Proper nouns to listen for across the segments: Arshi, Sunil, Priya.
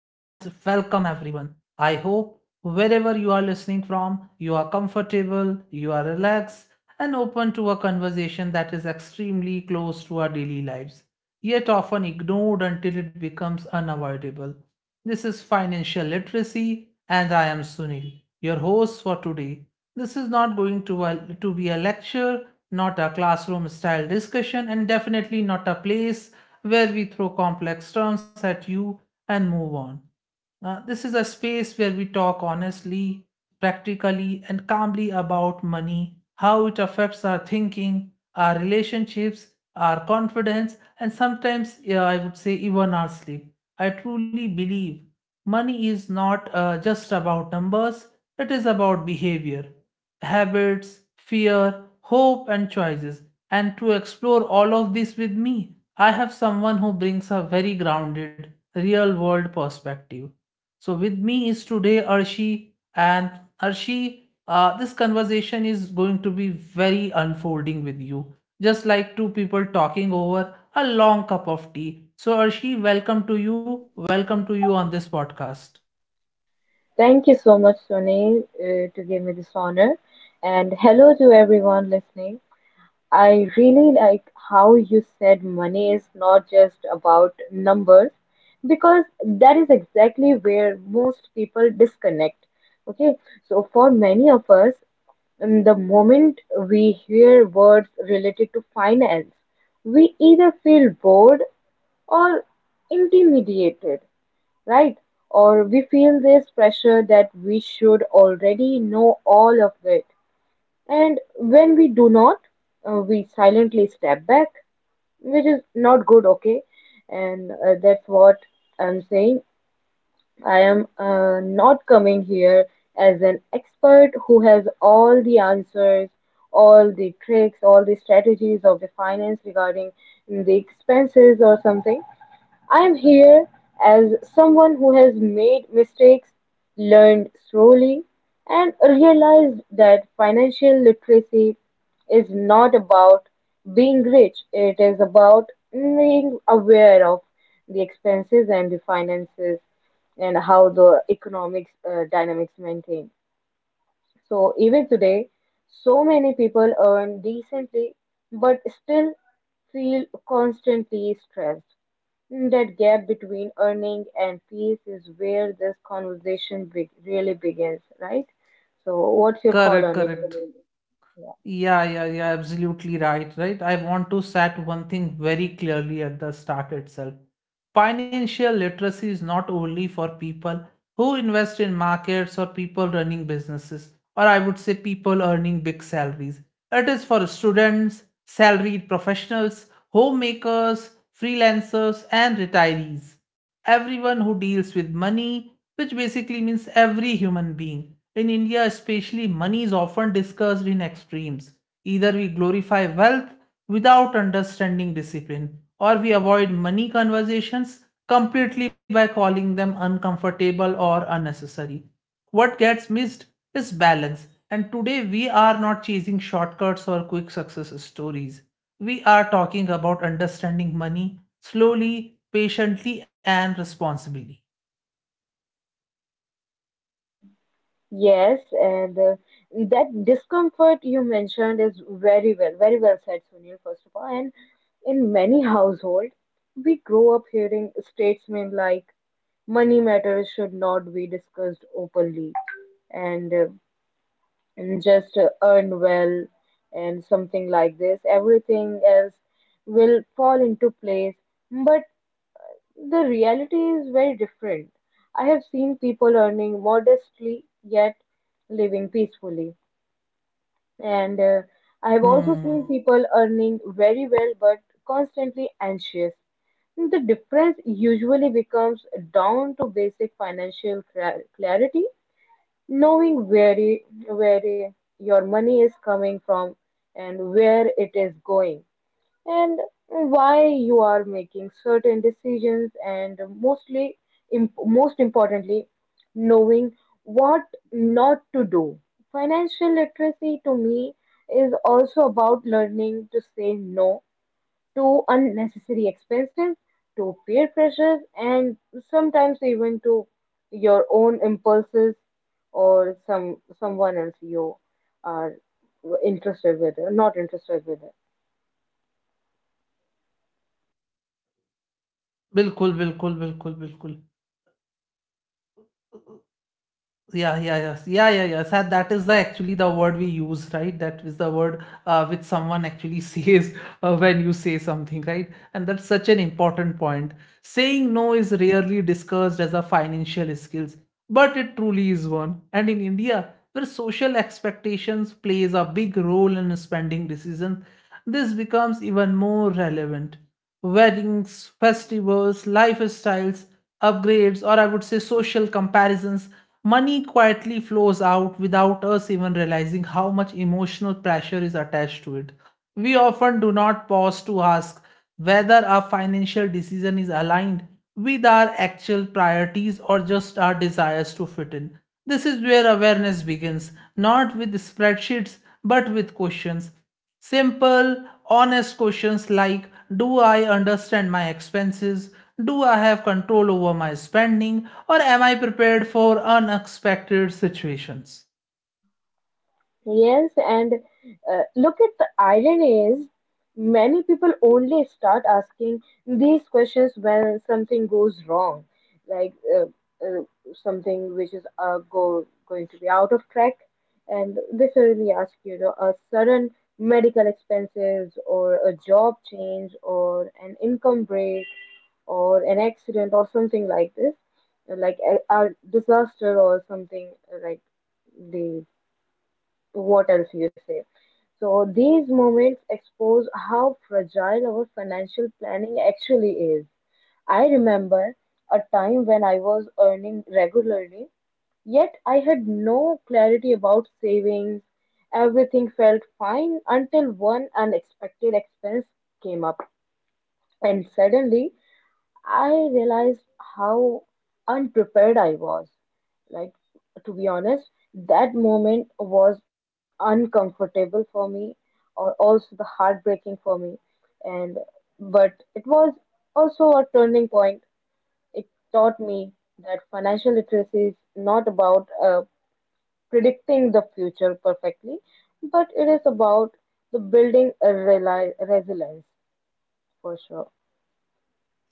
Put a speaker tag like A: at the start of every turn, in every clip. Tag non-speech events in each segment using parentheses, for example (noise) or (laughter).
A: welcome everyone. I hope wherever you are listening from, you are comfortable, you are relaxed, and open to a conversation that is extremely close to our daily lives, yet often ignored until it becomes unavoidable. This is Financial Literacy, and I am Sunil, your host for today. This is not going to be a lecture, not a classroom style discussion, and definitely not a place where we throw complex terms at you and move on. This is a space where we talk honestly, practically, and calmly about money, how it affects our thinking, our relationships, our confidence, and sometimes, yeah, I would say even our sleep. I truly believe money is not just about numbers, it is about behavior, habits, fear, hope, and choices. And to explore all of this with me, I have someone who brings a very grounded, real world perspective. So, with me is today Arshi, and Arshi, this conversation is going to be very unfolding with you, just like two people talking over a long cup of tea. So, Arshi, welcome to you. Welcome to you on this podcast.
B: Thank you so much, Sunil, to give me this honor. And hello to everyone listening. I really like how you said money is not just about numbers because that is exactly where most people disconnect. Okay, so for many of us, in the moment we hear words related to finance, we either feel bored or intimidated, right? Or we feel this pressure that we should already know all of it. And when we do not, we silently step back, which is not good, okay? And that's what I'm saying. I am not coming here as an expert who has all the answers, all the tricks, all the strategies of the finance regarding the expenses or something. I am here as someone who has made mistakes, learned slowly, and realized that financial literacy is not about being rich, it is about being aware of the expenses and the finances and how the economics dynamics maintain. So even today, so many people earn decently but still feel constantly stressed. That gap between earning and peace is where this conversation be really begins, right? So, what's your call
A: Correct,
B: on it?
A: correct.
B: Yeah.
A: Yeah, yeah, yeah, absolutely right, right? I want to set one thing very clearly at the start itself. Financial literacy is not only for people who invest in markets or people running businesses, or I would say people earning big salaries. It is for students, salaried professionals, homemakers, freelancers, and retirees. Everyone who deals with money, which basically means every human being. In India, especially, money is often discussed in extremes. Either we glorify wealth without understanding discipline, or we avoid money conversations completely by calling them uncomfortable or unnecessary. What gets missed is balance, and today we are not chasing shortcuts or quick success stories. We are talking about understanding money slowly, patiently, and responsibly.
B: Yes, and that discomfort you mentioned is very well, very well said, Sunil, first of all. And in many households, we grow up hearing statements like money matters should not be discussed openly. And uh, and just earn well and something like this, everything else will fall into place. But the reality is very different. I have seen people earning modestly yet living peacefully. And I have also
A: Hmm.
B: seen people earning very well but constantly anxious. The difference usually becomes down to basic financial clarity. Knowing where your money is coming from and where it is going, and why you are making certain decisions, and mostly, most importantly, knowing what not to do. Financial literacy to me is also about learning to say no to unnecessary expenses, to peer pressure, and sometimes even to your own impulses or someone else you are interested with, or not interested with.
A: बिल्कुल बिल्कुल बिल्कुल बिल्कुल. Yeah, yeah, yes. Yeah, yeah, yes. And that is the actually the word we use, right? That is the word which someone actually (laughs) says when you say something, right? And that's such an important point. Saying no is rarely discussed as a financial skills, but it truly is one. And in India, where social expectations plays a big role in spending decisions, this becomes even more relevant. Weddings, festivals, lifestyles, upgrades, or I would say social comparisons, money quietly flows out without us even realizing how much emotional pressure is attached to it. We often do not pause to ask whether our financial decision is aligned with our actual priorities or just our desires to fit in. This is where awareness begins, not with spreadsheets, but with questions. Simple, honest questions like, do I understand my expenses? Do I have control over my spending? Or am I prepared for unexpected situations?
B: Yes, and look at the irony is many people only start asking these questions when something goes wrong, like uh, something which is going to be out of track, and they suddenly ask a sudden medical expenses or a job change or an income break or an accident or something like this, like a disaster or something like they. What else you say? So these moments expose how fragile our financial planning actually is. I remember a time when I was earning regularly, yet I had no clarity about savings. Everything felt fine until one unexpected expense came up. And suddenly, I realized how unprepared I was. Like, to be honest, that moment was uncomfortable for me or also the heartbreaking for me. And but it was also a turning point. It taught me that financial literacy is not about predicting the future perfectly, but it is about the building a reli resilience for sure.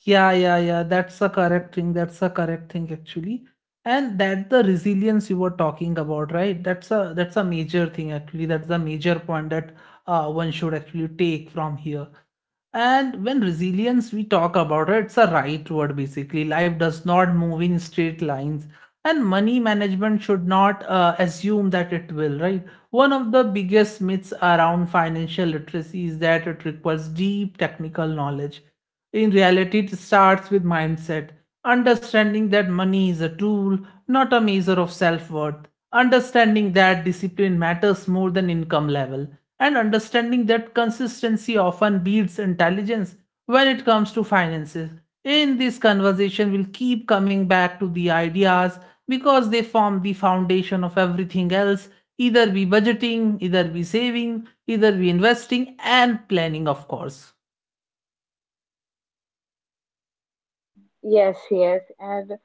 A: Yeah, yeah, yeah. That's a correct thing. That's a correct thing actually. And that the resilience you were talking about, right? That's a major thing actually. That's a major point that one should actually take from here. And when resilience we talk about it, it's a right word basically. Life does not move in straight lines, and money management should not assume that it will, right? One of the biggest myths around financial literacy is that it requires deep technical knowledge. In reality, it starts with mindset, understanding that money is a tool, not a measure of self worth, understanding that discipline matters more than income level, and understanding that consistency often beats intelligence when it comes to finances. In this conversation, we'll keep coming back to the ideas because they form the foundation of everything else, either be budgeting, either be saving, either be investing, and planning, of course.
B: Yes, yes, and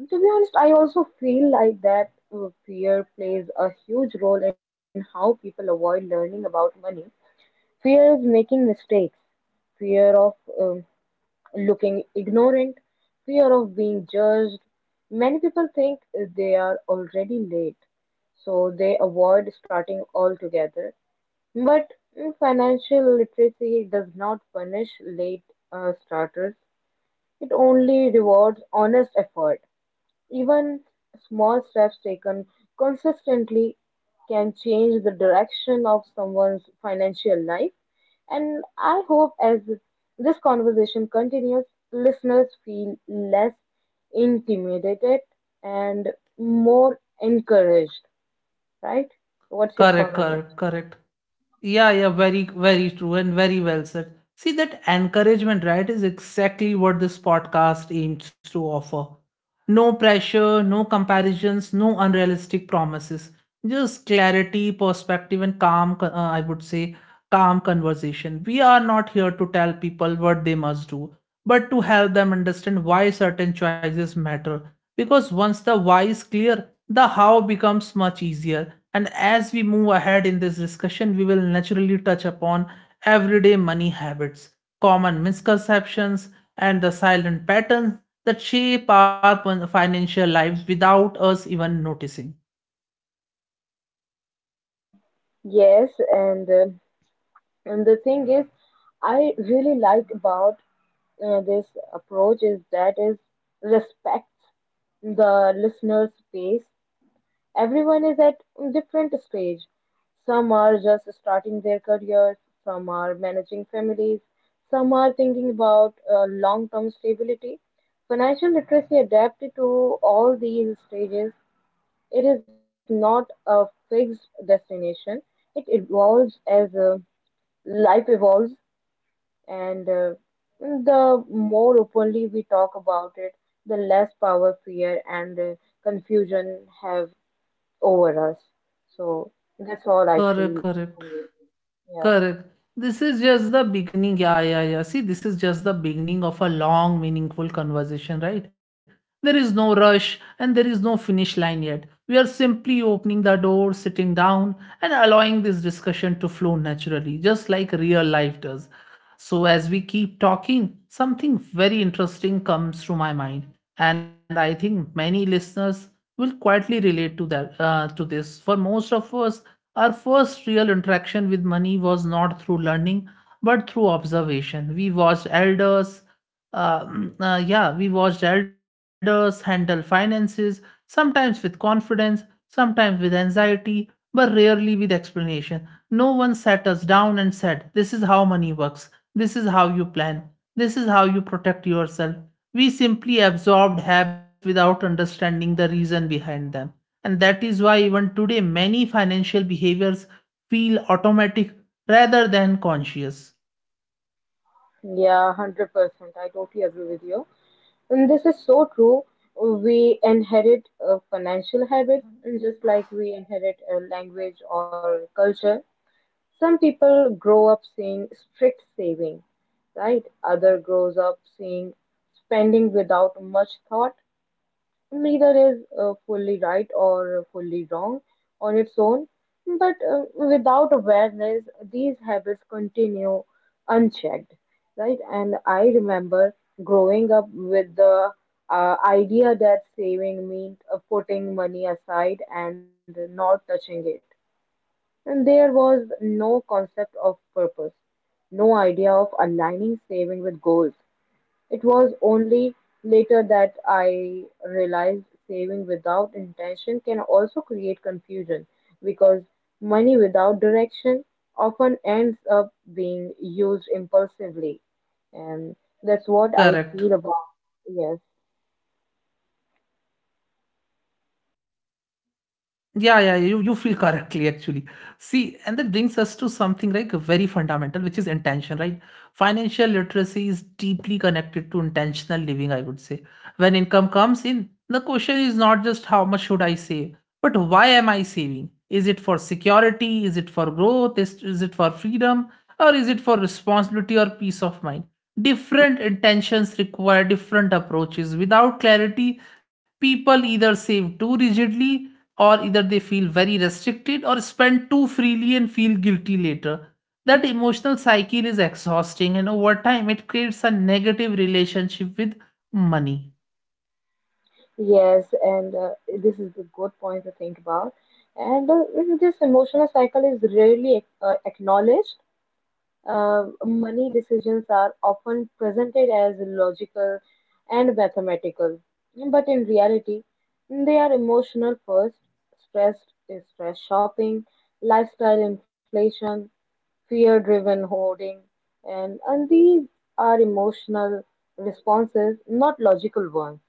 B: to be honest, I also feel like that fear plays a huge role in how people avoid learning about money. Fear of making mistakes, fear of um, looking ignorant, fear of being judged. Many people think they are already late, so they avoid starting altogether. But financial literacy does not punish late starters. It only rewards honest effort; even small steps taken consistently can change the direction of someone's financial life. And I hope as this conversation continues, listeners feel less intimidated and more encouraged, right? What's your
A: Correct,
B: call on it?
A: correct, correct. Yeah, yeah, very, very true and very well said. See, that encouragement, right, is exactly what this podcast aims to offer. No pressure, no comparisons, no unrealistic promises. Just clarity, perspective, and I would say, calm conversation. We are not here to tell people what they must do, but to help them understand why certain choices matter. Because once the why is clear, the how becomes much easier, and as we move ahead in this discussion, we will naturally touch upon everyday money habits, common misconceptions, and the silent patterns that shape our financial lives without us even noticing.
B: Yes, and the thing is, I really like about this approach is that is respects the listener's pace. Everyone is at different stage. Some are just starting their careers, some are managing families, some are thinking about long-term stability. Financial literacy adapted to all these stages. It is not a fixed destination. It evolves as life evolves and the more openly we talk about it, the less power fear and confusion have over us. So that's all I
A: Correct,
B: feel.
A: correct.
B: For it. Yeah,
A: Correct. This is just the beginning. Yeah, yeah, yeah. See, this is just the beginning of a long, meaningful conversation, right? There is no rush and there is no finish line yet. We are simply opening the door, sitting down, and allowing this discussion to flow naturally, just like real life does. So, as we keep talking, something very interesting comes through my mind, and I think many listeners will quietly relate to that to this. For most of us, our first real interaction with money was not through learning, but through observation. We watched elders, uh, (clears throat) yeah, we watched elders handle finances, sometimes with confidence, sometimes with anxiety, but rarely with explanation. No one sat us down and said, "This is how money works, this is how you plan, this is how you protect yourself." We simply absorbed habits without understanding the reason behind them. And that is why even today many financial behaviors feel automatic rather than conscious.
B: yeah, 100%. I totally agree with you. And this is so true. We inherit financial habits, and just like we inherit a language or culture. Some people grow up seeing strict saving, right? Other grows up seeing spending without much thought. Neither is fully right or fully wrong on its own, but without awareness, these habits continue unchecked, right? And I remember growing up with the idea that saving meant putting money aside and not touching it, and there was no concept of purpose, no idea of aligning saving with goals. It was only later that I realized saving without intention can also create confusion because money without direction often ends up being used impulsively. And that's what I
A: Correct.
B: feel about. Yes.
A: Yeah, yeah, yeah. You feel correctly actually. See, and that brings us to something like very fundamental, which is intention, right? Financial literacy is deeply connected to intentional living, I would say. When income comes in, the question is not just how much should I save, but why am I saving? Is it for security? Is it for growth? Is it for freedom? Or is it for responsibility or peace of mind? Different intentions require different approaches. Without clarity, people either save too rigidly or either they feel very restricted or spend too freely and feel guilty later. That emotional cycle is exhausting, and over time it creates a negative relationship with money.
B: Yes, and this is a good point to think about. And this emotional cycle is rarely acknowledged. Money decisions are often presented as logical and mathematical, but in reality, they are emotional first. Stress is stress shopping, lifestyle inflation, fear-driven hoarding, and these are emotional responses, not logical ones.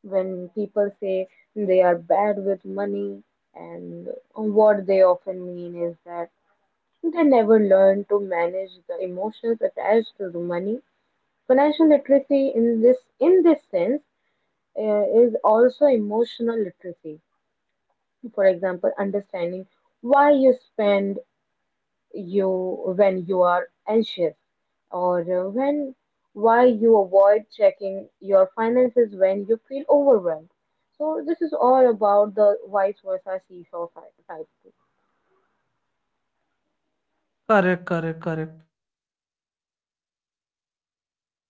B: When people say they are bad with money, and what they often mean is that they never learn to manage the emotions attached to the money. Financial literacy in this sense is also emotional literacy. For example, understanding why you spend you when you are anxious, or when why you avoid checking your finances when you feel overwhelmed. So this is all about the vice versa seesaw type.
A: Correct, correct, correct.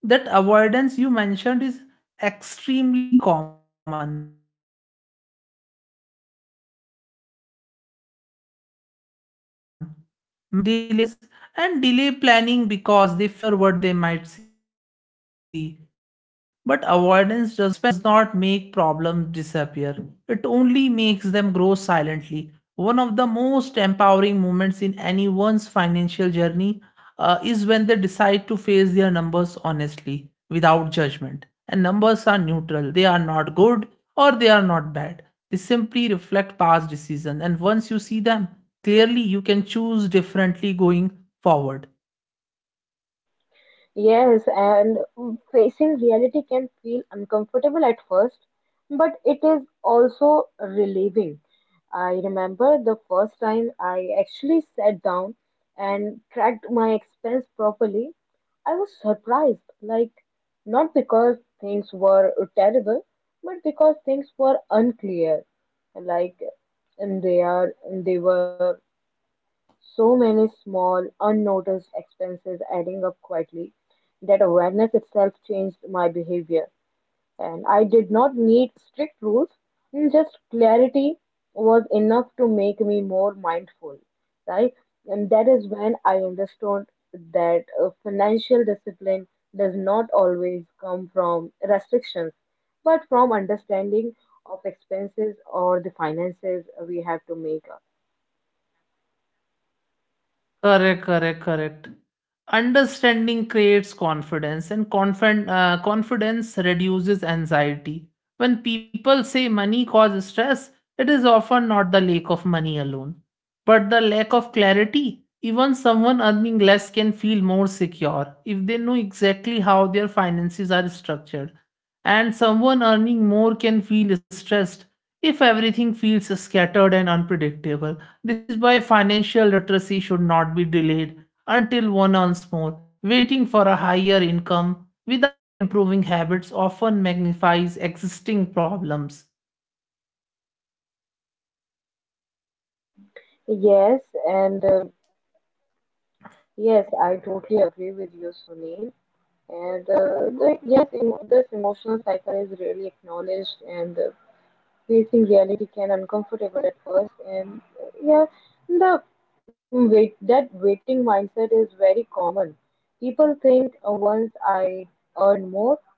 A: That avoidance you mentioned is extremely common. Many people delay looking at their bank statements, delay understanding their expenses, and delay planning because they fear what they might see. But avoidance does not make problems disappear, it only makes them grow silently. One of the most empowering moments in anyone's financial journey is when they decide to face their numbers honestly without judgment. And numbers are neutral, they are not good or they are not bad. They simply reflect past decisions, and once you see them clearly, you can choose differently going forward.
B: Yes, and facing reality can feel uncomfortable at first, but it is also relieving. I remember the first time I actually sat down and tracked my expense properly. I was surprised, like, not because things were terrible, but because things were unclear. Like, and they were so many small, unnoticed expenses adding up quietly that awareness itself changed my behavior. And I did not need strict rules, just clarity was enough to make me more mindful, right? And that is when I understood that financial discipline does not always come from restrictions, but from understanding of expenses or the finances we have to make up.
A: Correct, correct, correct. Understanding creates confidence, and confidence reduces anxiety. When people say money causes stress, it is often not the lack of money alone, but the lack of clarity. Even someone earning less can feel more secure if they know exactly how their finances are structured. And someone earning more can feel stressed if everything feels scattered and unpredictable. This is why financial literacy should not be delayed until one earns more. Waiting for a higher income without improving habits often magnifies existing problems.
B: Yes, and Yes, I totally agree with you, Sunil. And yes, emo this emotional cycle is really acknowledged, and facing reality can uncomfortable at first. And yeah, the wait that waiting mindset is very common. People think once I earn more,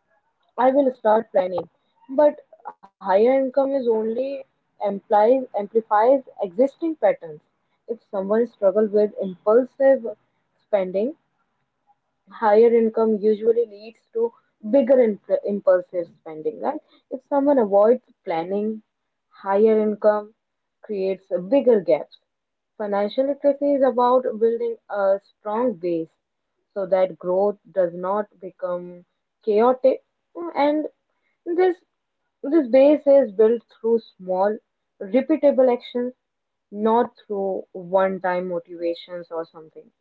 B: I will start planning. But higher income is only implies amplifies existing patterns. If someone struggles with impulsive spending, higher income usually leads to bigger impulsive spending, right? If someone avoids planning, higher income creates bigger gaps. Financial literacy is about building a strong base so that growth does not become chaotic, and this this base is built through small, repeatable actions, not through one time motivations or something.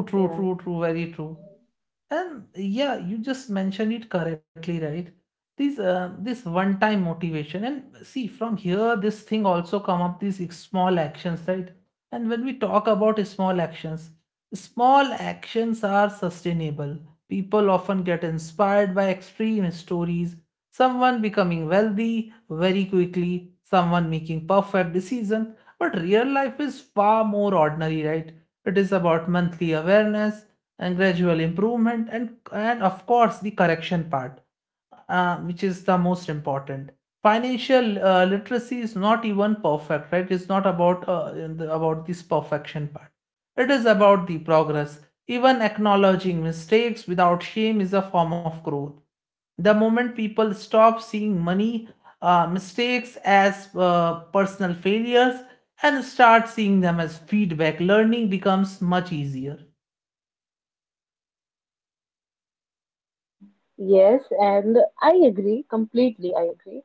A: True,
B: Yeah.
A: true, true, true, very true. And yeah, you just mentioned it correctly, right? This this one-time motivation, and see from here, this thing also come up these small actions, right? And when we talk about small actions are sustainable. People often get inspired by extreme stories. Someone becoming wealthy very quickly, someone making perfect decision. But real life is far more ordinary, right? It is about monthly awareness and gradual improvement, and of course the correction part, which is the most important. Financial literacy is not even perfect, right? It's not about about this perfection part, it is about the progress. Even acknowledging mistakes without shame is a form of growth. The moment people stop seeing money mistakes as personal failures and start seeing them as feedback, learning becomes much easier.
B: Yes, and I agree, completely I agree.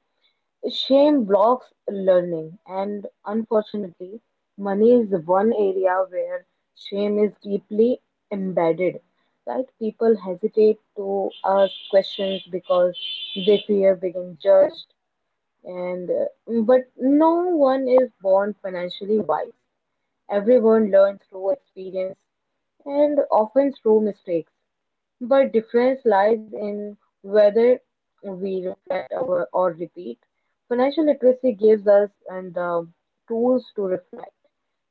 B: Shame blocks learning, and unfortunately, money is the one area where shame is deeply embedded. Right? People hesitate to ask questions because they fear being judged, and but no one is born financially wise. Everyone learns through experience and often through mistakes. But difference lies in whether we reflect or repeat. Financial literacy gives us and the tools to reflect,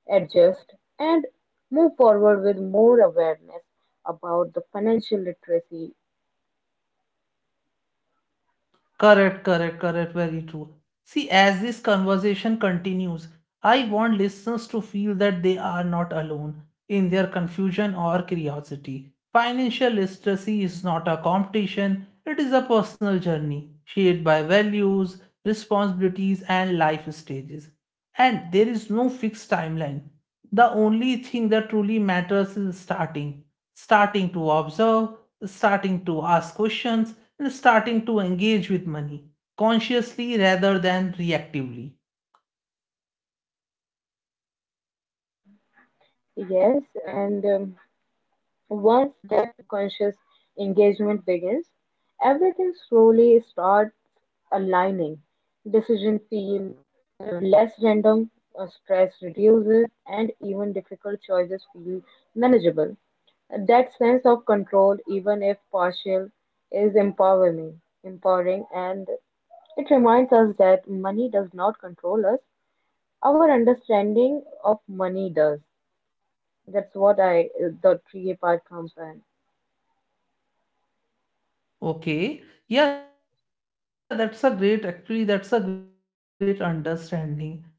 B: adjust, and move forward with more awareness about the financial literacy.
A: Correct, correct, correct. Very true. See, as this conversation continues, I want listeners to feel that they are not alone in their confusion or curiosity. Financial literacy is not a competition, it is a personal journey shaped by values, responsibilities, and life stages. And there is no fixed timeline. The only thing that truly matters is starting. Starting to observe, starting to ask questions, and starting to engage with money consciously rather than reactively.
B: Yes, and once that conscious engagement begins, everything slowly starts aligning. Decisions feel less random, stress reduces, and even difficult choices feel manageable. That sense of control, even if partial, is empowering, and it reminds us that money does not control us. Our understanding of money does. That's what I the 3-part comes in.
A: Okay. Yeah, that's a great, actually, that's a great understanding.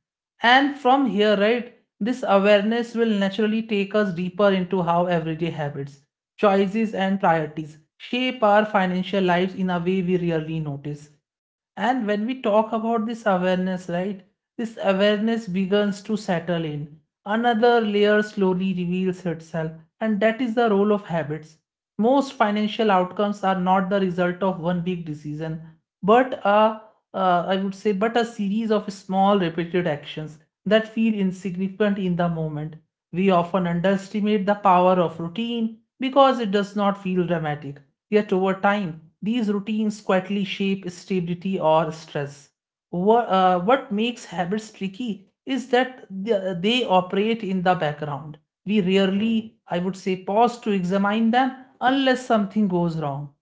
A: And from here, right, this awareness will naturally take us deeper into how everyday habits, choices, and priorities shape our financial lives in a way we rarely notice. And when we talk about this awareness, right, this awareness begins to settle in. Another layer slowly reveals itself, and that is the role of habits. Most financial outcomes are not the result of one big decision, but a, I would say, but a series of small repeated actions that feel insignificant in the moment. We often underestimate the power of routine because it does not feel dramatic. Yet over time, these routines quietly shape stability or stress. What makes habits tricky is that they operate in the background we rarely, I would say, pause to examine them unless something goes wrong.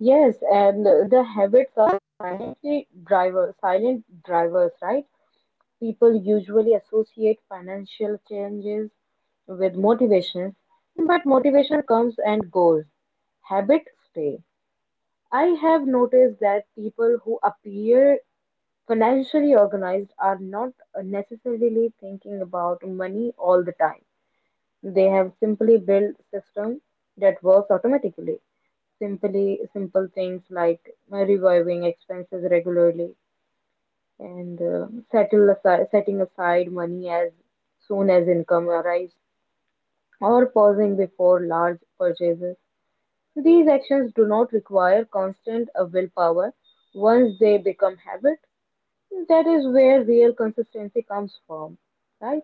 B: Yes, and the habits are silent drivers, right? People usually associate financial changes with motivation, but motivation comes and goes. Habits stay. I have noticed that people who appear financially organized are not necessarily thinking about money all the time. They have simply built system that works automatically. Simply simple things like reviving expenses regularly and setting aside money as soon as income arrives or pausing before large purchases. These actions do not require constant willpower. Once they become habit, that is where real consistency comes from, right?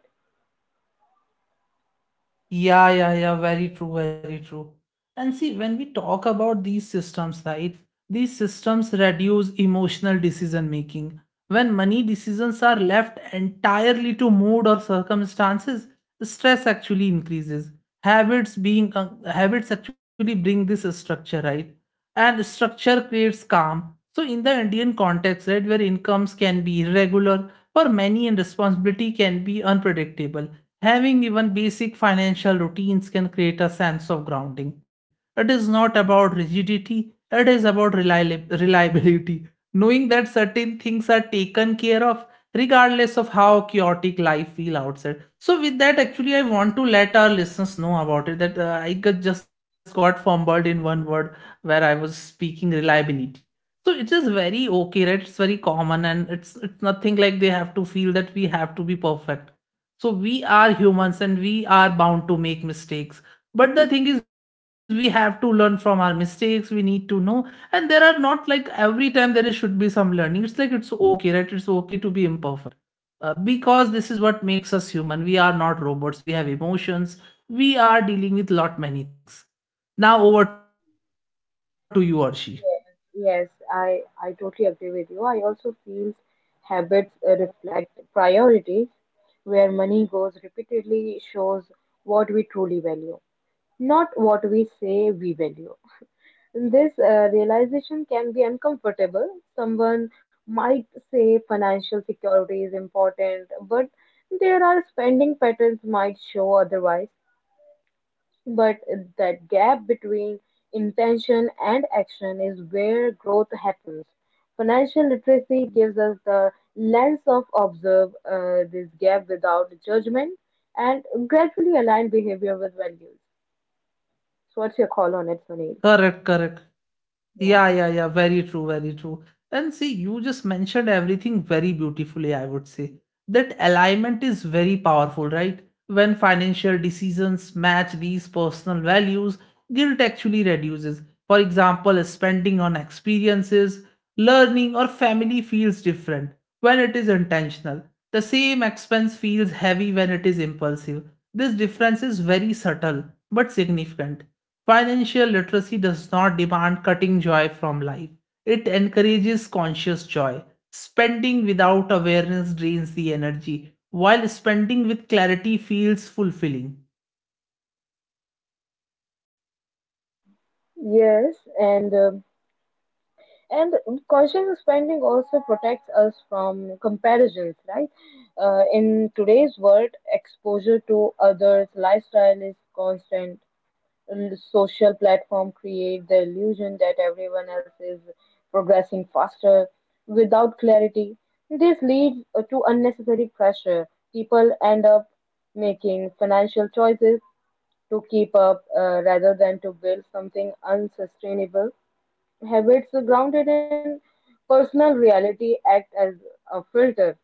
A: Yeah, yeah, yeah, very true, very true. And see, when we talk about these systems, right, these systems reduce emotional decision making. When money decisions are left entirely to mood or circumstances, stress actually increases. Habits actually bring this structure, right? And structure creates calm. So in the Indian context, right, where incomes can be irregular, for many and responsibility can be unpredictable, having even basic financial routines can create a sense of grounding. It is not about rigidity, it is about reliability. Knowing that certain things are taken care of regardless of how chaotic life feel outside. So with that actually I want to let our listeners know about it that I got, just got fumbled in one word where I was speaking reliability. So it is very okay, right? It's very common and it's nothing like they have to feel that we have to be perfect, so we are humans and we are bound to make mistakes. But the thing is, we have to learn from our mistakes. We need to know. And there are not like every time there is, should be some learning. It's like it's okay, right? It's okay to be imperfect. Because this is what makes us human. We are not robots. We have emotions. We are dealing with lot many things. Now over to you, Arshi.
B: Yes, I totally agree with you. I also feel habits reflect priorities. Where money goes repeatedly shows what we truly value, not what we say we value. This realization can be uncomfortable. Someone might say financial security is important, but there are spending patterns might show otherwise. But that gap between intention and action is where growth happens. Financial literacy gives us the lens of observe this gap without judgment and gradually align behavior with values. So, what's your call on it, Sunil?
A: Correct, correct.
B: Yeah.
A: Yeah, yeah, yeah. Very true, very true. And see, you just mentioned everything very beautifully, I would say. That alignment is very powerful, right? When financial decisions match these personal values, guilt actually reduces. For example, spending on experiences, learning, or family feels different when it is intentional. The same expense feels heavy when it is impulsive. This difference is very subtle but significant. Financial literacy does not demand cutting joy from life. It encourages conscious joy. Spending without awareness drains the energy, while spending with clarity feels fulfilling.
B: Yes, and um, And conscious spending also protects us from comparisons, right? In today's world, exposure to others' lifestyle is constant. Social platform create the illusion that everyone else is progressing faster without clarity. This leads to unnecessary pressure. People end up making financial choices to keep up, rather than to build something unsustainable. Habits grounded in personal reality act as a filter.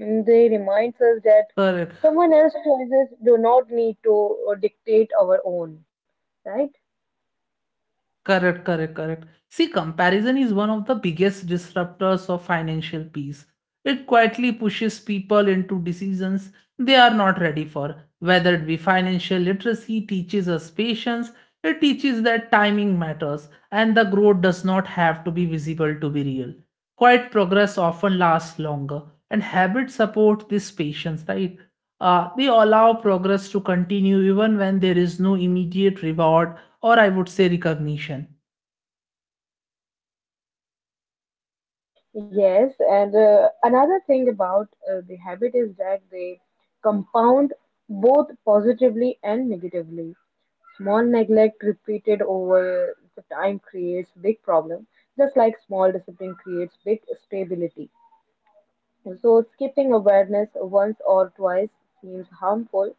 B: And they remind us that
A: Correct.
B: someone else's choices do not need to dictate our own, right?
A: Correct, correct, correct. See, comparison is one of the biggest disruptors of financial peace. It quietly pushes people into decisions they are not ready for. Whether it be financial literacy teaches us patience, it teaches that timing matters and the growth does not have to be visible to be real. Quiet progress often lasts longer, and habits support this patience, right? They allow progress to continue even when there is no immediate reward or, I would say, recognition.
B: Yes, and Another thing about the habit is that they compound both positively and negatively. Small neglect repeated over the time creates big problem, just like small discipline creates big stability. So, skipping awareness once or twice seems harmful,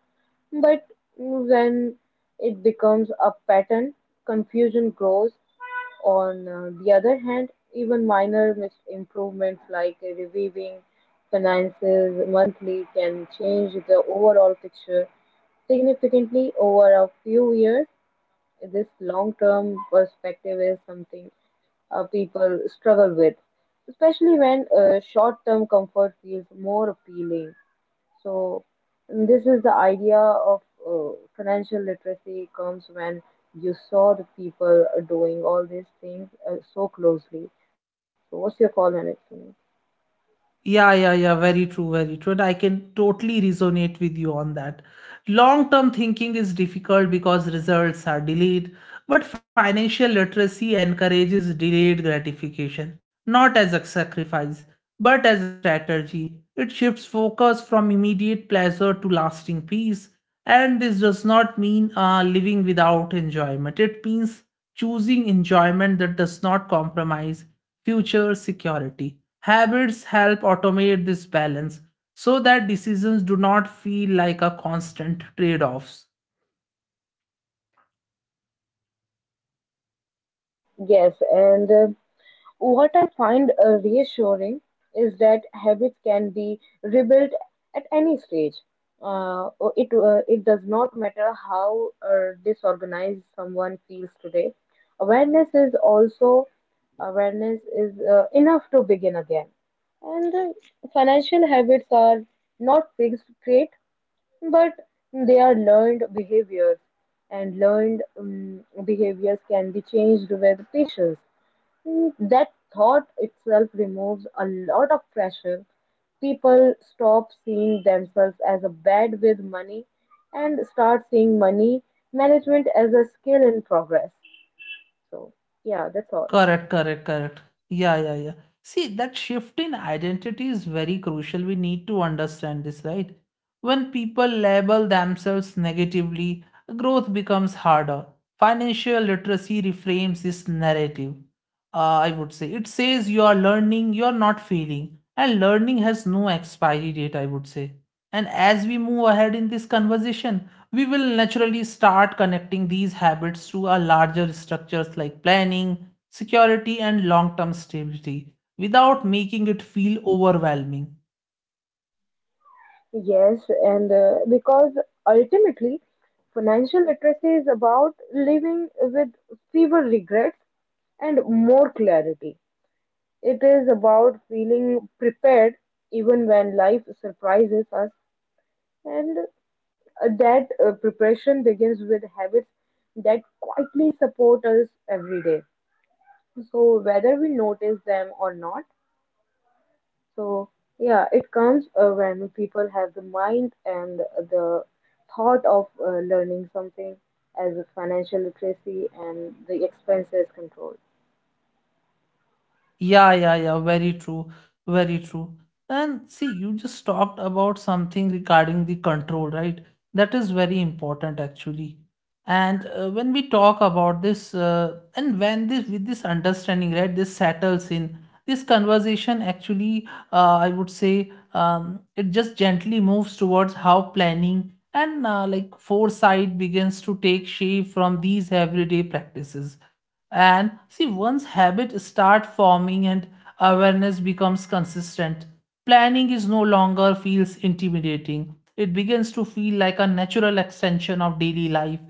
B: but when it becomes a pattern, confusion grows. On the other hand, even improvements like reviewing finances monthly can change the overall picture significantly over a few years. This long term perspective is something people struggle with, especially when short term comfort feels more appealing. So, this is the idea of financial literacy comes when you saw the people doing all these things so closely. So, what's your call on it, Sunil?
A: Yeah, yeah, yeah. Very true, very true. And I can totally resonate with you on that. Long term thinking is difficult because results are delayed, but financial literacy encourages delayed gratification, not as a sacrifice, but as a strategy. It shifts focus from immediate pleasure to lasting peace. And this does not mean living without enjoyment. It means choosing enjoyment that does not compromise future security. Habits help automate this balance so that decisions do not feel like a constant trade offs.
B: Yes, and What I find reassuring is that habits can be rebuilt at any stage. It does not matter how disorganized someone feels today. Awareness is also awareness is enough to begin again. And Financial habits are not fixed trait, but they are learned behaviors, and learned behaviors can be changed with patience. Mm, that thought itself removes a lot of pressure. People stop seeing themselves as a bad with money and start seeing money management as a skill in progress. So, yeah, that's all.
A: Correct, correct, correct. Yeah, yeah, yeah. See, that shift in identity is very crucial. We need to understand this, right? When people label themselves negatively, growth becomes harder. Financial literacy reframes this narrative uh, I would say. It says you are learning, you are not failing. And learning has no expiry date, I would say. And as we move ahead in this conversation, we will naturally start connecting these habits to our larger structures like planning, security, and long term stability without making it feel overwhelming.
B: Yes, and Because ultimately, financial literacy is about living with fewer regrets and more clarity. It is about feeling prepared even when life surprises us. And that preparation begins with habits that quietly support us every day. So, whether we notice them or not, so yeah, it comes when people have the mind and the thought of learning something as a financial literacy and the expenses control.
A: Yeah, yeah, yeah, very true, very true. And see, you just talked about something regarding the control, right? That is very important actually. And when we talk about this, and when this with this understanding, right, this settles in, this conversation actually, I would say, it just gently moves towards how planning and like foresight begins to take shape from these everyday practices, and see once habits start forming and awareness becomes consistent, planning is no longer feels intimidating. It begins to feel like a natural extension of daily life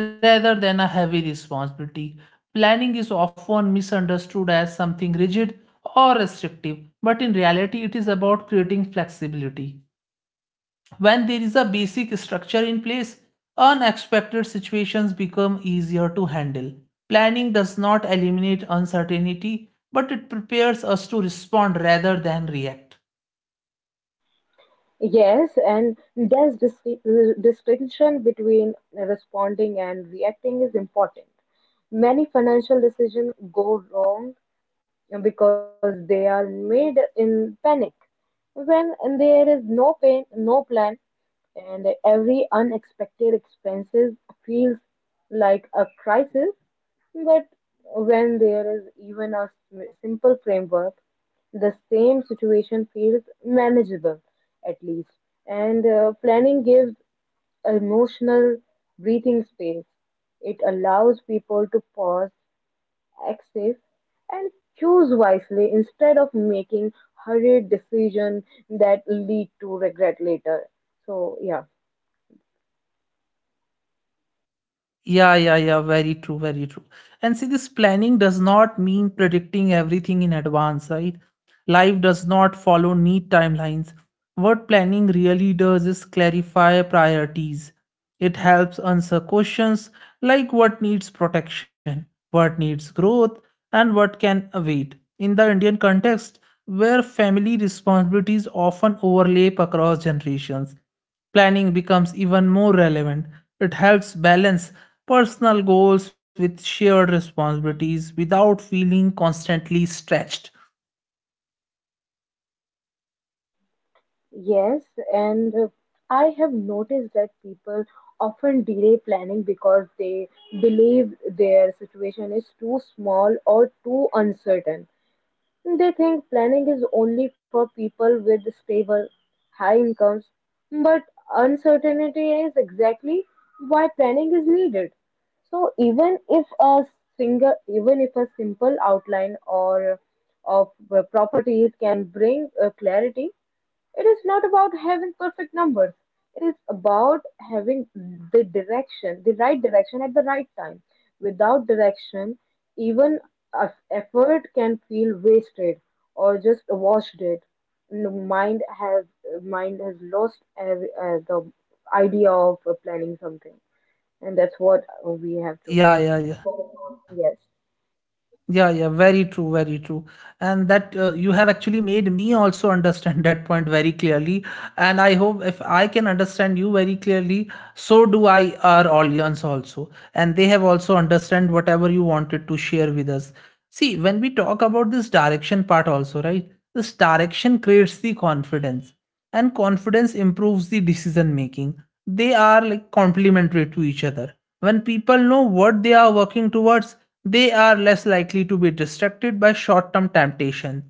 A: rather than a heavy responsibility. Planning is often misunderstood as something rigid or restrictive, but in reality it is about creating flexibility. When there is a basic structure in place, unexpected situations become easier to handle. Planning does not eliminate uncertainty, but it prepares us to respond rather than react.
B: Yes, and distinction between responding and reacting is important. Many financial decisions go wrong because they are made in panic. When there is no pain, no plan, and every unexpected expenses feels like a crisis, but when there is even a simple framework, the same situation feels manageable at least. And planning gives emotional breathing space. It allows people to pause, access, and choose wisely instead of making hurried decisions that lead to regret later. So, yeah.
A: Yeah, yeah, yeah. Very true, very true. And see, this planning does not mean predicting everything in advance, right? Life does not follow neat timelines. What planning really does is clarify priorities. It helps answer questions like what needs protection, what needs growth, and what can wait. In the Indian context, where family responsibilities often overlap across generations, planning becomes even more relevant. It helps balance personal goals with shared responsibilities without feeling constantly stretched.
B: yes, and I have noticed that people often delay planning because they believe their situation is too small or too uncertain. They think planning is only for people with stable, high incomes, but uncertainty is exactly why planning is needed. So, even if a simple outline or of properties can bring clarity, it is not about having perfect numbers, it is about having the direction, the right direction at the right time. Without direction, even effort can feel wasted or just washed it. The mind has lost every, the idea of planning something, and that's what we have to.
A: Yeah, yeah, yeah.
B: Yes.
A: Yeah, yeah, very true, very true. And that you have actually made me also understand (laughs) that point very clearly. And I hope if I can understand you very clearly, so do I our audience also. And they have also understand whatever you wanted to share with us. See, when we talk about this direction part also, right? This direction creates the confidence, and confidence improves the decision making. They are like complementary to each other. When people know what they are working towards, they are less likely to be distracted by short term temptation.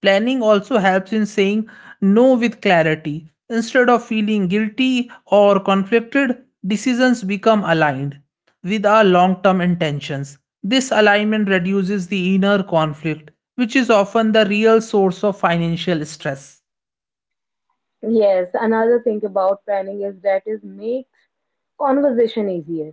A: Planning also helps in saying no with clarity instead of feeling guilty or conflicted. Decisions become aligned with our long term intentions. This alignment reduces the inner conflict, which is often the real source of financial stress.
B: Yes, another thing about planning is that it makes conversation easier.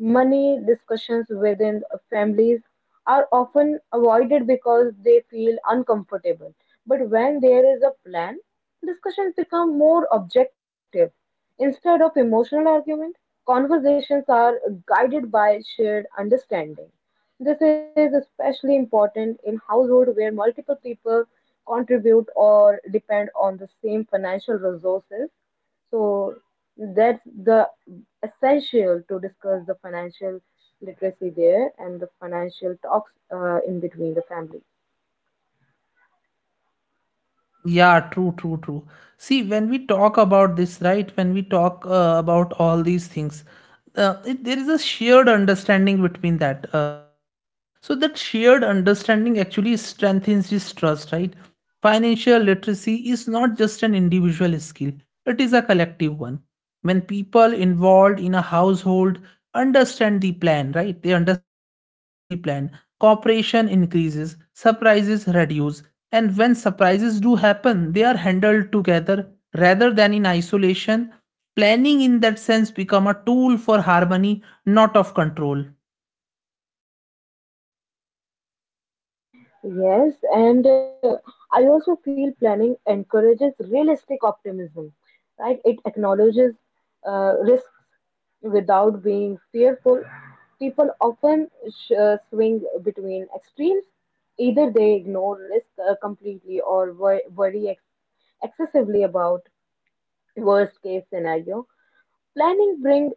B: Money discussions within families are often avoided because they feel uncomfortable. But when there is a plan, discussions become more objective. Instead of emotional argument, conversations are guided by shared understanding. This is especially important in households where multiple people contribute or depend on the same financial resources. So, that's the essential to discuss the financial literacy there and the financial talks in between the family.
A: Yeah, true, true, true. See, when we talk about this, right, when we talk about all these things, there is a shared understanding between that. So, that shared understanding actually strengthens this trust, right? Financial literacy is not just an individual skill, it is a collective one. When people involved in a household understand the plan right they understand the plan, cooperation increases, surprises reduce, and when surprises do happen they are handled together rather than in isolation. Planning in that sense become a tool for harmony, not of control.
B: Yes, and I also feel planning encourages realistic optimism, right? It acknowledges risks without being fearful. People often swing between extremes. Either they ignore risk completely or worry excessively about worst case scenario, planning brings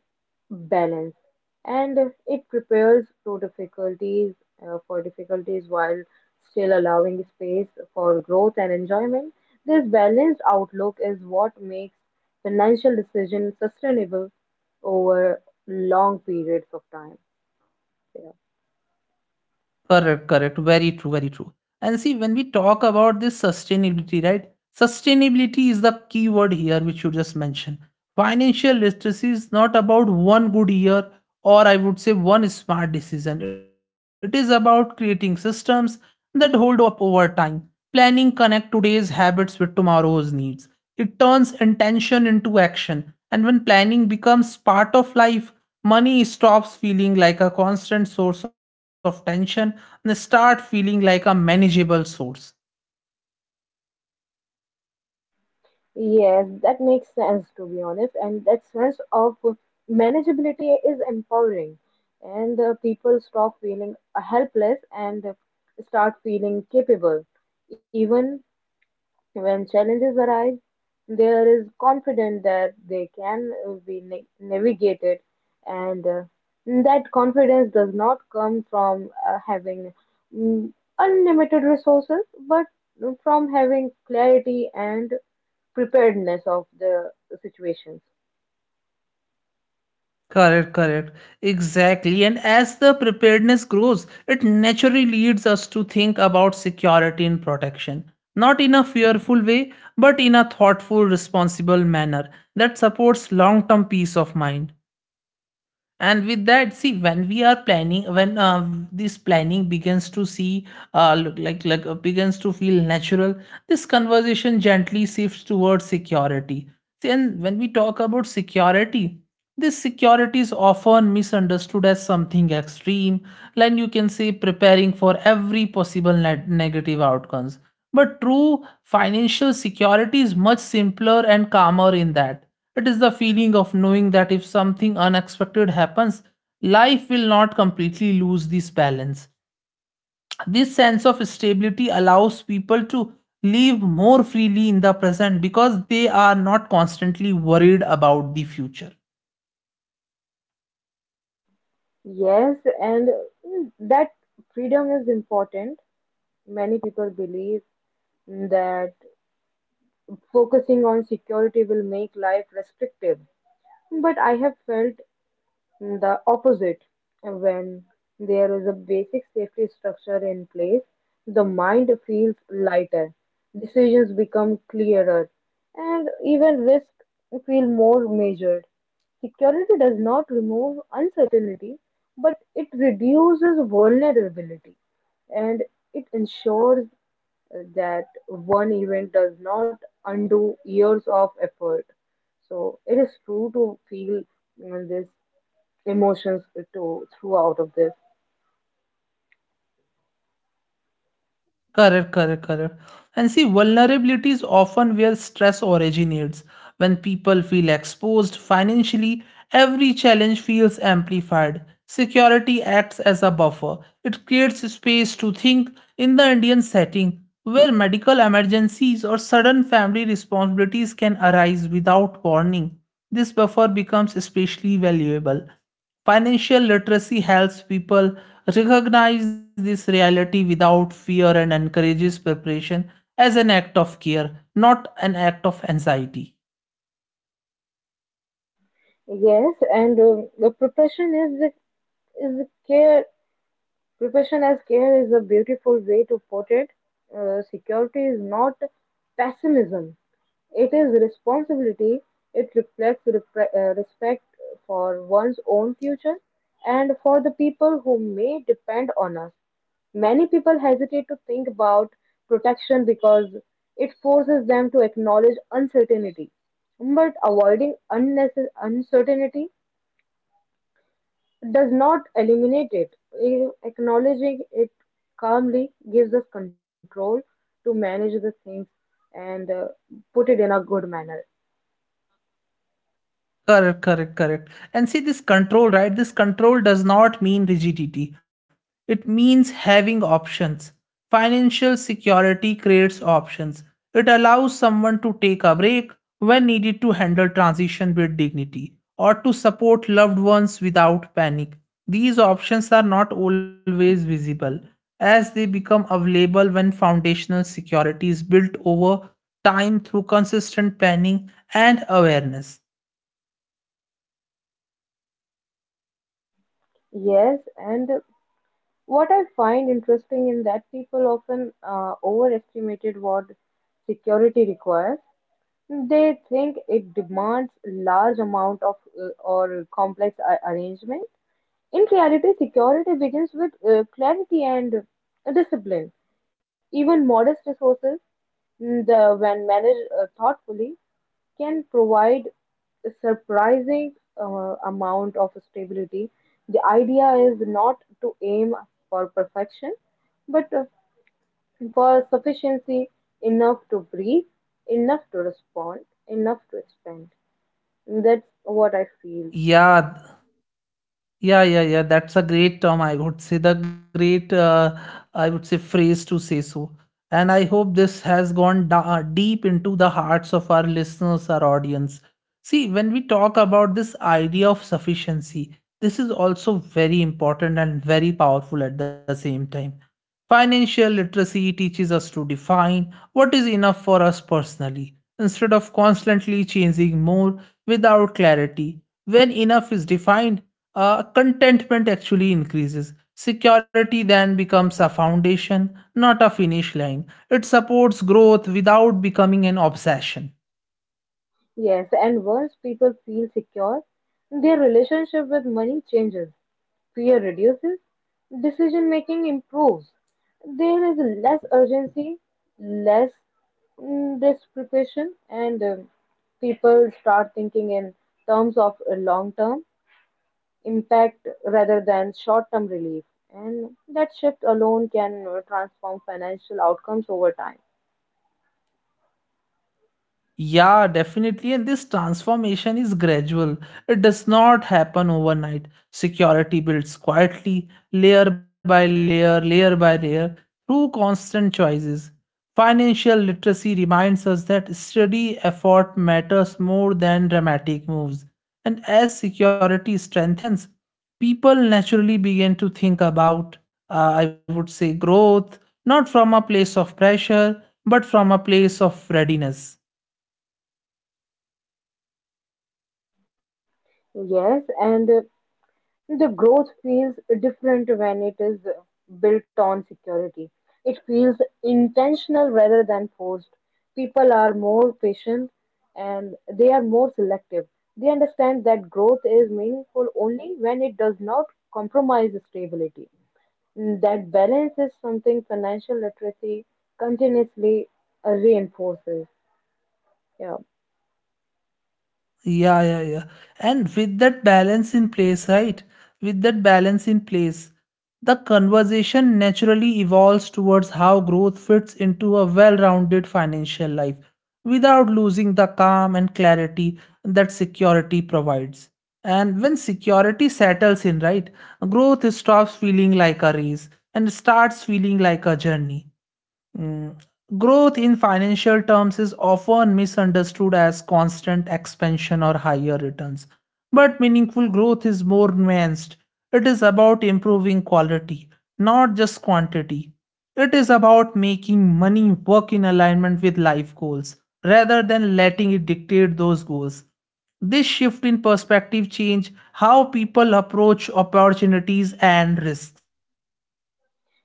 B: balance and it prepares to difficulties for difficulties while still allowing space for growth and enjoyment. This balanced outlook is what makes financial decisions sustainable over long periods of time. Yeah.
A: Correct, correct. Very true, very true. And see, when we talk about this sustainability, right? Sustainability is the key word here, which you just mentioned. Financial literacy is not about one good year or I would say one smart decision. It is about creating systems that hold up over time. Planning connect today's habits with tomorrow's needs. It turns intention into action. And when planning becomes part of life, money stops feeling like a constant source of tension and start feeling like a manageable source.
B: Yes, that makes sense to be honest, and that sense of manageability is empowering, and people stop feeling helpless and start feeling capable. Even when challenges arise, there is confidence that they can navigated, and that confidence does not come from having mm, unlimited resources, but from having clarity and preparedness of the situations.
A: Correct, correct. Exactly. And as the preparedness grows, it naturally leads us to think about security and protection. Not in a fearful way, but in a thoughtful, responsible manner that supports long term peace of mind. And with that see when we are planning, when this planning begins to see look like begins to feel natural, this conversation gently shifts towards security. See, and when we talk about security, this security is often misunderstood as something extreme, like you can say preparing for every possible net negative outcomes, but true financial security is much simpler and calmer in that it is the feeling of knowing that if something unexpected happens, life will not completely lose this balance. This sense of stability allows people to live more freely in the present because they are not constantly worried about the future.
B: Yes, and that freedom is important. Many people believe that focusing on security will make life restrictive. But I have felt the opposite. When there is a basic safety structure in place, the mind feels lighter, decisions become clearer, and even risks feel more measured. Security does not remove uncertainty, but it reduces vulnerability and it ensures that one event does not undo years of effort. So it is true to feel this emotions to throughout of this.
A: Correct, correct, correct. And see, vulnerability is often where stress originates. When people feel exposed financially, every challenge feels amplified. Security acts as a buffer, it creates space to think. In the Indian setting where medical emergencies or sudden family responsibilities can arise without warning, this buffer becomes especially valuable. Financial literacy helps people recognize this reality without fear and encourages preparation as an act of care, not an act of anxiety.
B: Yes, and the preparation is the care Preparation as care is a beautiful way to put it. Security is not pessimism, it is responsibility. It reflects respect for one's own future and for the people who may depend on us. Many people hesitate to think about protection because it forces them to acknowledge uncertainty. But avoiding unnecessary uncertainty does not eliminate it. Acknowledging it calmly gives us control to manage the things and put it in a good manner.
A: Correct, correct, correct. And see this control, right? This control does not mean rigidity. It means having options. Financial security creates options. It allows someone to take a break when needed, to handle transition with dignity, or to support loved ones without panic. These options are not always visible as they become available when foundational security is built over time through consistent planning and awareness.
B: Yes, and what I find interesting in that people often overestimated what security requires. They think it demands large amount of or complex arrangement. In reality, security begins with clarity and discipline. Even modest resources, when managed thoughtfully, can provide a surprising amount of stability. The idea is not to aim for perfection, but for sufficiency: enough to breathe, enough to respond, enough to expand. That's what I feel.
A: Yeah, yeah, yeah, yeah. That's a great term. I would say the great, I would say phrase to say so. And I hope this has gone deep into the hearts of our listeners, our audience. See, when we talk about this idea of sufficiency, this is also very important and very powerful at the same time. Financial literacy teaches us to define what is enough for us personally instead of constantly changing more without clarity. When enough is defined, contentment actually increases. Security then becomes a foundation, not a finish line. It supports growth without becoming an obsession.
B: Yes, and once people feel secure, their relationship with money changes. Fear reduces, decision making improves. There is less urgency, less desperation, and people start thinking in terms of a long term impact rather than short term relief. And that shift alone can transform financial outcomes over time.
A: Yeah, definitely. And this transformation is gradual. It does not happen overnight. Security builds quietly, layer by layer, through constant choices. Financial literacy reminds us that steady effort matters more than dramatic moves. And as security strengthens, people naturally begin to think about, I would say, growth, not from a place of pressure, but from a place of readiness.
B: Yes, and The growth feels different when it is built on security. It feels intentional rather than forced. People are more patient and they are more selective. They understand that growth is meaningful only when it does not compromise stability. That balance is something financial literacy continuously reinforces. Yeah.
A: Yeah, yeah, yeah. And with that balance in place, right? With that balance in place, the conversation naturally evolves towards how growth fits into a well rounded financial life without losing the calm and clarity that security provides. And when security settles in, right, growth stops feeling like a race and starts feeling like a journey. Mm. Growth in financial terms is often misunderstood as constant expansion or higher returns. But meaningful growth is more nuanced. It is about improving quality, not just quantity. It is about making money work in alignment with life goals rather than letting it dictate those goals. This shift in perspective change how people approach opportunities and risks.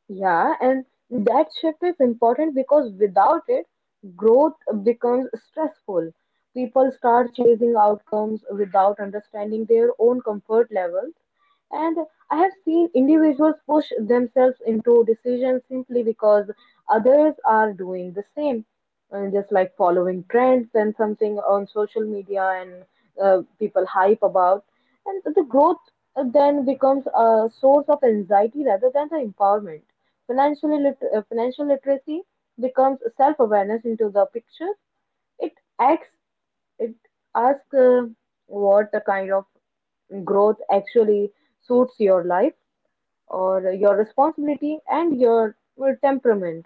B: Yeah, and that shift is important because without it, growth becomes stressful. People start chasing outcomes without understanding their own comfort levels. And I have seen individuals push themselves into decisions simply because others are doing the same and just like following trends and something on social media and people hype about and the growth then becomes a source of anxiety rather than the empowerment. Financial literacy becomes self awareness into the picture. It acts, it asks, what the kind of growth actually suits your life or your responsibility and your temperament.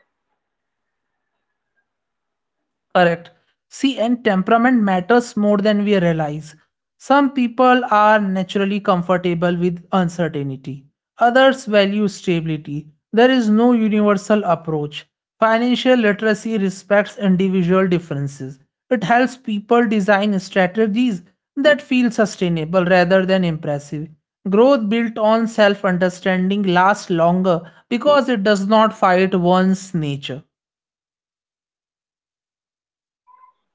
A: Correct. See, and temperament matters more than we realize. Some people are naturally comfortable with uncertainty, others value stability. There is no universal approach. Financial literacy respects individual differences. It helps people design strategies that feel sustainable rather than impressive. Growth built on self understanding lasts longer because it does not fight one's nature.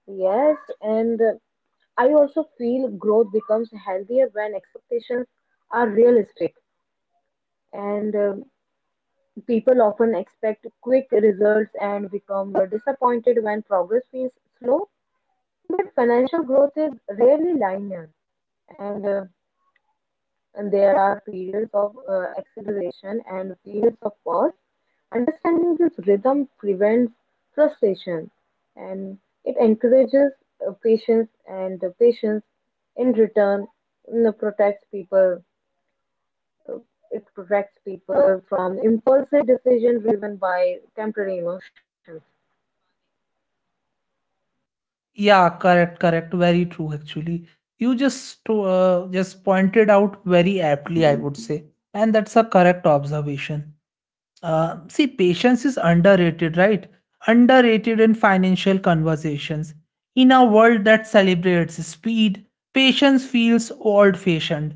B: Yes, and I also feel growth becomes healthier when expectations are realistic, and people often expect quick results and become disappointed when progress feels slow. But financial growth is rarely linear, and uh, and there are periods of acceleration and periods of pause. Understanding this rhythm prevents frustration and it encourages patience, and the patience in return, protects people. uh, It protects people from impulsive decision driven by temporary emotions.
A: Yeah, correct, correct. Very true, actually. You just just pointed out very aptly, I would say, and that's a correct observation. See, patience is underrated, right? Underrated in financial conversations. In a world that celebrates speed, patience feels old fashioned.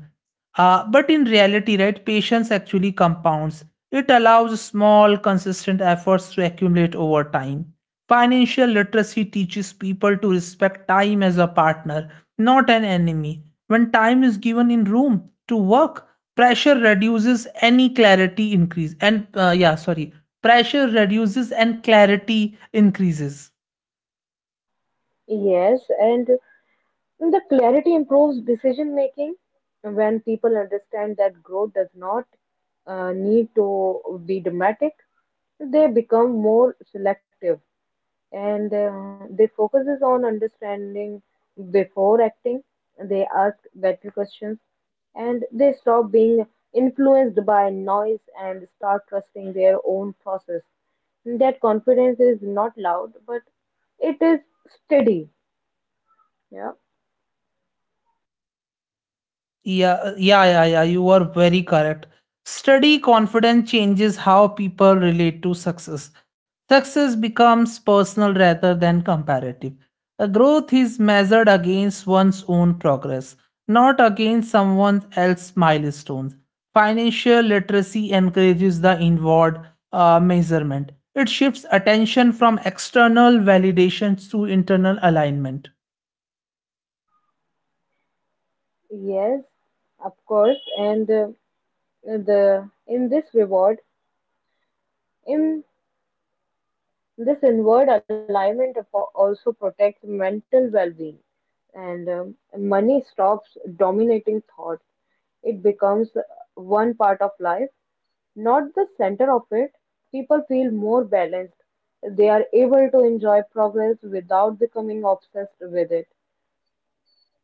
A: But in reality, right, patience actually compounds. It allows small, consistent efforts to accumulate over time. Financial literacy teaches people to respect time as a partner, not an enemy. When time is given in room to work, pressure reduces any clarity increase and yeah, sorry, pressure reduces and clarity increases.
B: Yes, and the clarity improves decision making when people understand that growth does not need to be dramatic. They become more selective and they focuses on understanding before acting. They ask better questions and they stop being influenced by noise and start trusting their own process. That confidence is not loud, but it is steady. Yeah.
A: Yeah, yeah, yeah, yeah. You are very correct. Study confidence changes how people relate to success. Success becomes personal rather than comparative. A growth is measured against one's own progress, not against someone else's milestones. Financial literacy encourages the inward measurement. It shifts attention from external validations to internal alignment.
B: Yes, of course. And the in this reward, in this inward alignment of- also protects mental well-being, and money stops dominating thought. It becomes one part of life, not the center of it. People feel more balanced. They are able to enjoy progress without becoming obsessed with it.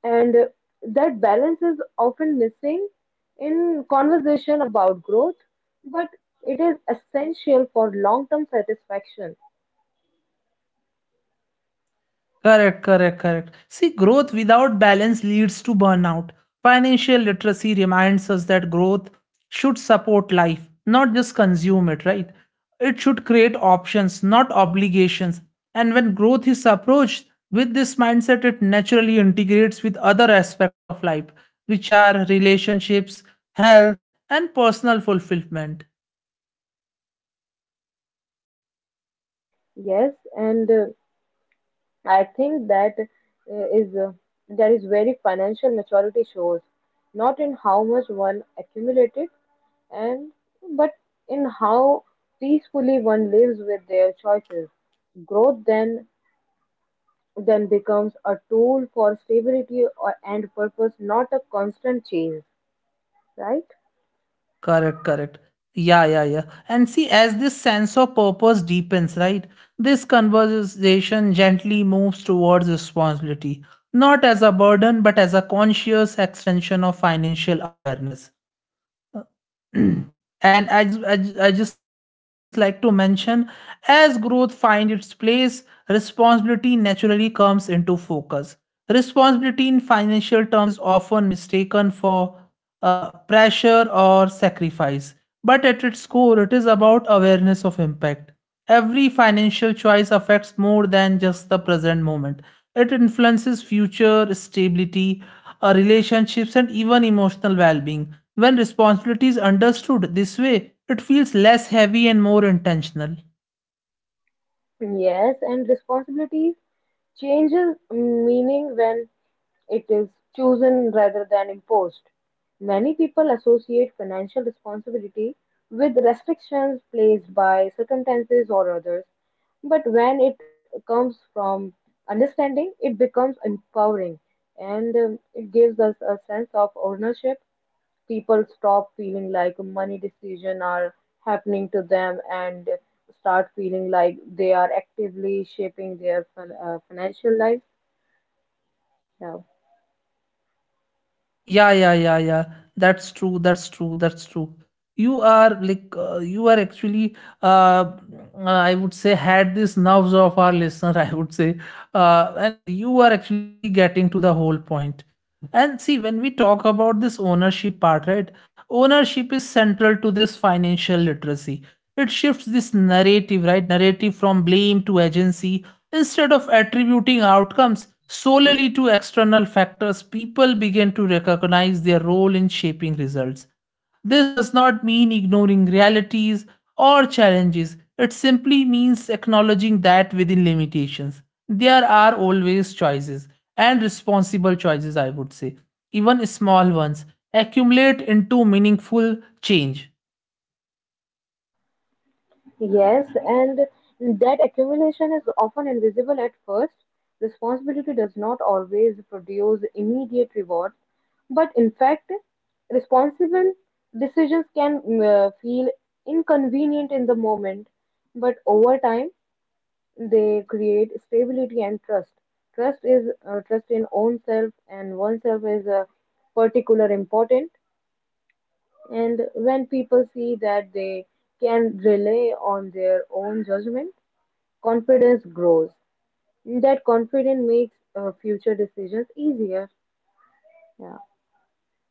B: And that balance is often missing in conversation about growth, but it is essential for long term satisfaction.
A: Correct, correct, correct. See, growth without balance leads to burnout. Financial literacy reminds us that growth should support life, not just consume it, right? It should create options, not obligations. And when growth is approached with this mindset, it naturally integrates with other aspects of life, which are relationships, health, and personal fulfillment.
B: Yes, and I think that is that is where financial maturity shows, not in how much one accumulated, and but in how peacefully one lives with their choices. Growth then becomes a tool for stability or and purpose, not a constant change, right?
A: Correct, correct. Yeah, yeah, yeah. And see, as this sense of purpose deepens, right, this conversation gently moves towards responsibility, not as a burden, but as a conscious extension of financial awareness. And I just like to mention as growth finds its place, responsibility naturally comes into focus. Responsibility in financial terms is often mistaken for pressure or sacrifice, but at its core, it is about awareness of impact. Every financial choice affects more than just the present moment. It influences future stability, relationships, and even emotional well being. When responsibility is understood this way, it feels less heavy and more intentional.
B: Yes, and responsibility changes meaning when it is chosen rather than imposed. Many people associate financial responsibility with restrictions placed by circumstances or others, but when it comes from understanding, it becomes empowering and it gives us a sense of ownership. People stop feeling like money decisions are happening to them and start feeling like they are actively shaping their financial life. Yeah.
A: Yeah, yeah, yeah, yeah. That's true. That's true. That's true. You are like, you are actually, I would say, had this nerves of our listener, (laughs) I would say. And you are actually getting to the whole point. And see, when we talk about this ownership part, right? Ownership is central to this financial literacy. It shifts this narrative, right? Narrative from blame to agency. Instead of attributing outcomes solely to external factors, people begin to recognize their role in shaping results. This does not mean ignoring realities or challenges, it simply means acknowledging that within limitations, there are always choices and responsible choices, I would say. Even small ones accumulate into meaningful change.
B: Yes, and that accumulation is often invisible at first. Responsibility does not always produce immediate rewards, but in fact, responsible decisions can feel inconvenient in the moment, but over time, they create stability and trust. Trust is, trust in own self and oneself is particular important. And when people see that they can rely on their own judgment, confidence grows. That confidence makes future decisions easier. Yeah.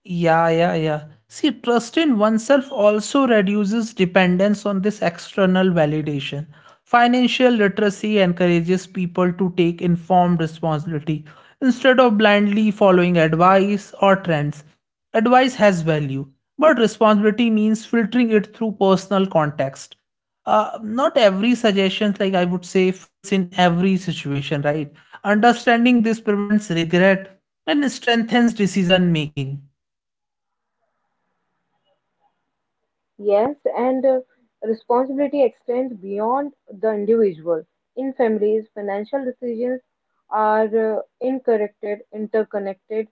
A: Yeah, yeah, yeah. See, trust in oneself also reduces dependence on this external validation. Financial literacy encourages people to take informed responsibility instead of blindly following advice or trends. Advice has value, but responsibility means filtering it through personal context. Not every suggestion, like I would say, fits in every situation, right? Understanding this prevents regret and strengthens decision making.
B: Yes, and Responsibility extends beyond the individual. In families, financial decisions are interconnected,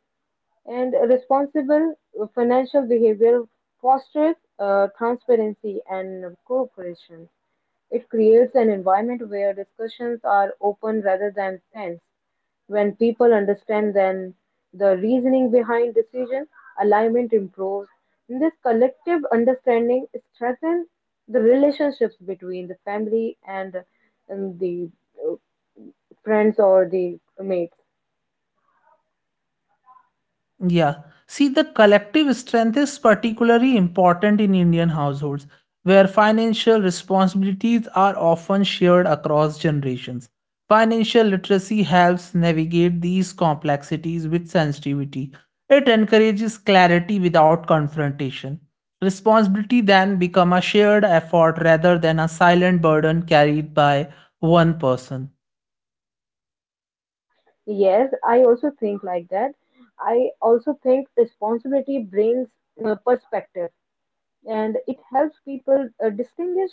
B: and responsible financial behavior fosters transparency and cooperation. It creates an environment where discussions are open rather than tense. When people understand then the reasoning behind decision, alignment improves. And this collective understanding strengthens the relationships between the family, and the uh, friends or the mates.
A: Yeah. See, the collective strength is particularly important in Indian households, where financial responsibilities are often shared across generations. Financial literacy helps navigate these complexities with sensitivity. It encourages clarity without confrontation. Responsibility then becomes a shared effort rather than a silent burden carried by one person.
B: Yes, I also think like that. I also think responsibility brings perspective and it helps people distinguish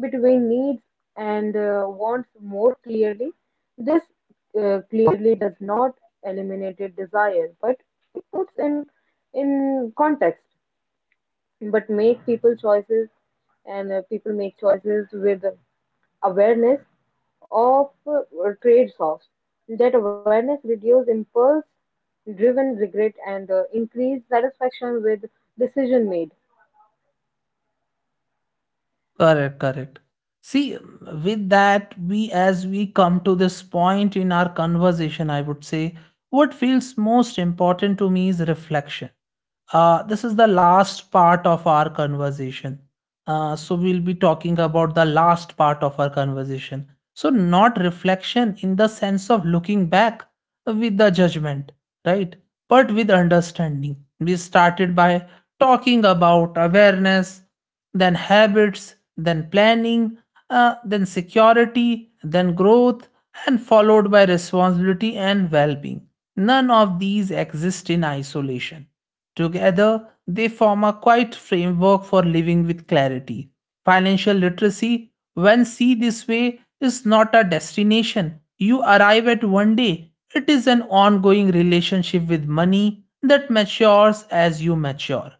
B: between needs and wants more clearly. This clearly does not eliminate desire, but it puts in context but make people choices and people make choices with awareness of trade-offs. That awareness reduces impulse driven regret and increase satisfaction with decision made.
A: Correct, correct. See, with that, we as we come to this point in our conversation, I would say what feels most important to me is reflection. This is the last part of our conversation. So, we'll be talking about the last part of our conversation. So, not reflection in the sense of looking back with the judgment, right? But with understanding. We started by talking about awareness then habits, then planning, then security, then growth, and followed by responsibility and well being. None of these exist in isolation. Together, they form a quiet framework for living with clarity. Financial literacy, when seen this way, is not a destination you arrive at one day. It is an ongoing relationship with money that matures as you mature.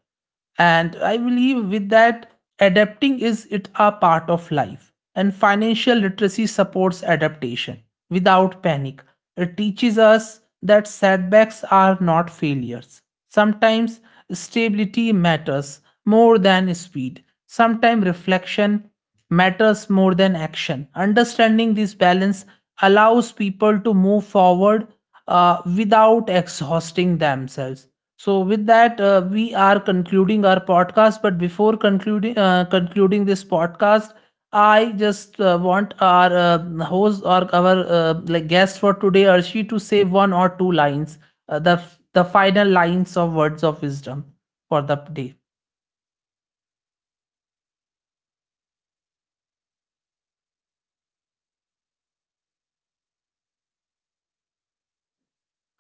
A: And I believe with that, adapting is it a part of life. And financial literacy supports adaptation without panic. It teaches us that setbacks are not failures. Sometimes stability matters more than speed. Sometimes reflection matters more than action. Understanding this balance allows people to move forward without exhausting themselves. So with that, we are concluding our podcast. But before concluding this podcast, I just want our host or our like guest for today, Arshi, to say one or two lines, uh, the the final lines of words of wisdom for the day.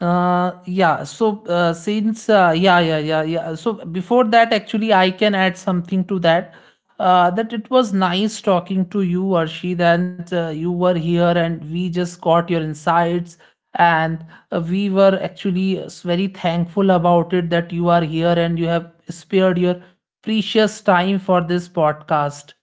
A: Yeah, so since yeah, yeah, yeah, yeah. So before that, actually, I can add something to that. That it was nice talking to you, Arshid, and you were here, and we just got your insights, and we were actually very thankful about it, that you are here and you have spared your precious time for this podcast.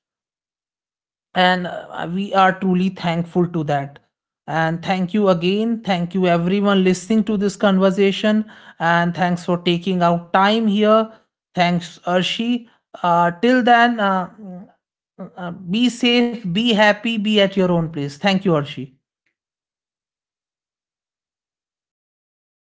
B: Yes, I
A: And
B: also think.
A: we are
B: Yes.
A: truly thankful to that. And thank you
B: Yes.
A: again. Thank you everyone listening to this conversation. And thanks for taking out time here. Thanks, Arshi. Till
B: Thank you so
A: then,
B: much.
A: be safe, be happy, be at your own place. Thank you, Arshi.
B: Have a nice day. Thank you.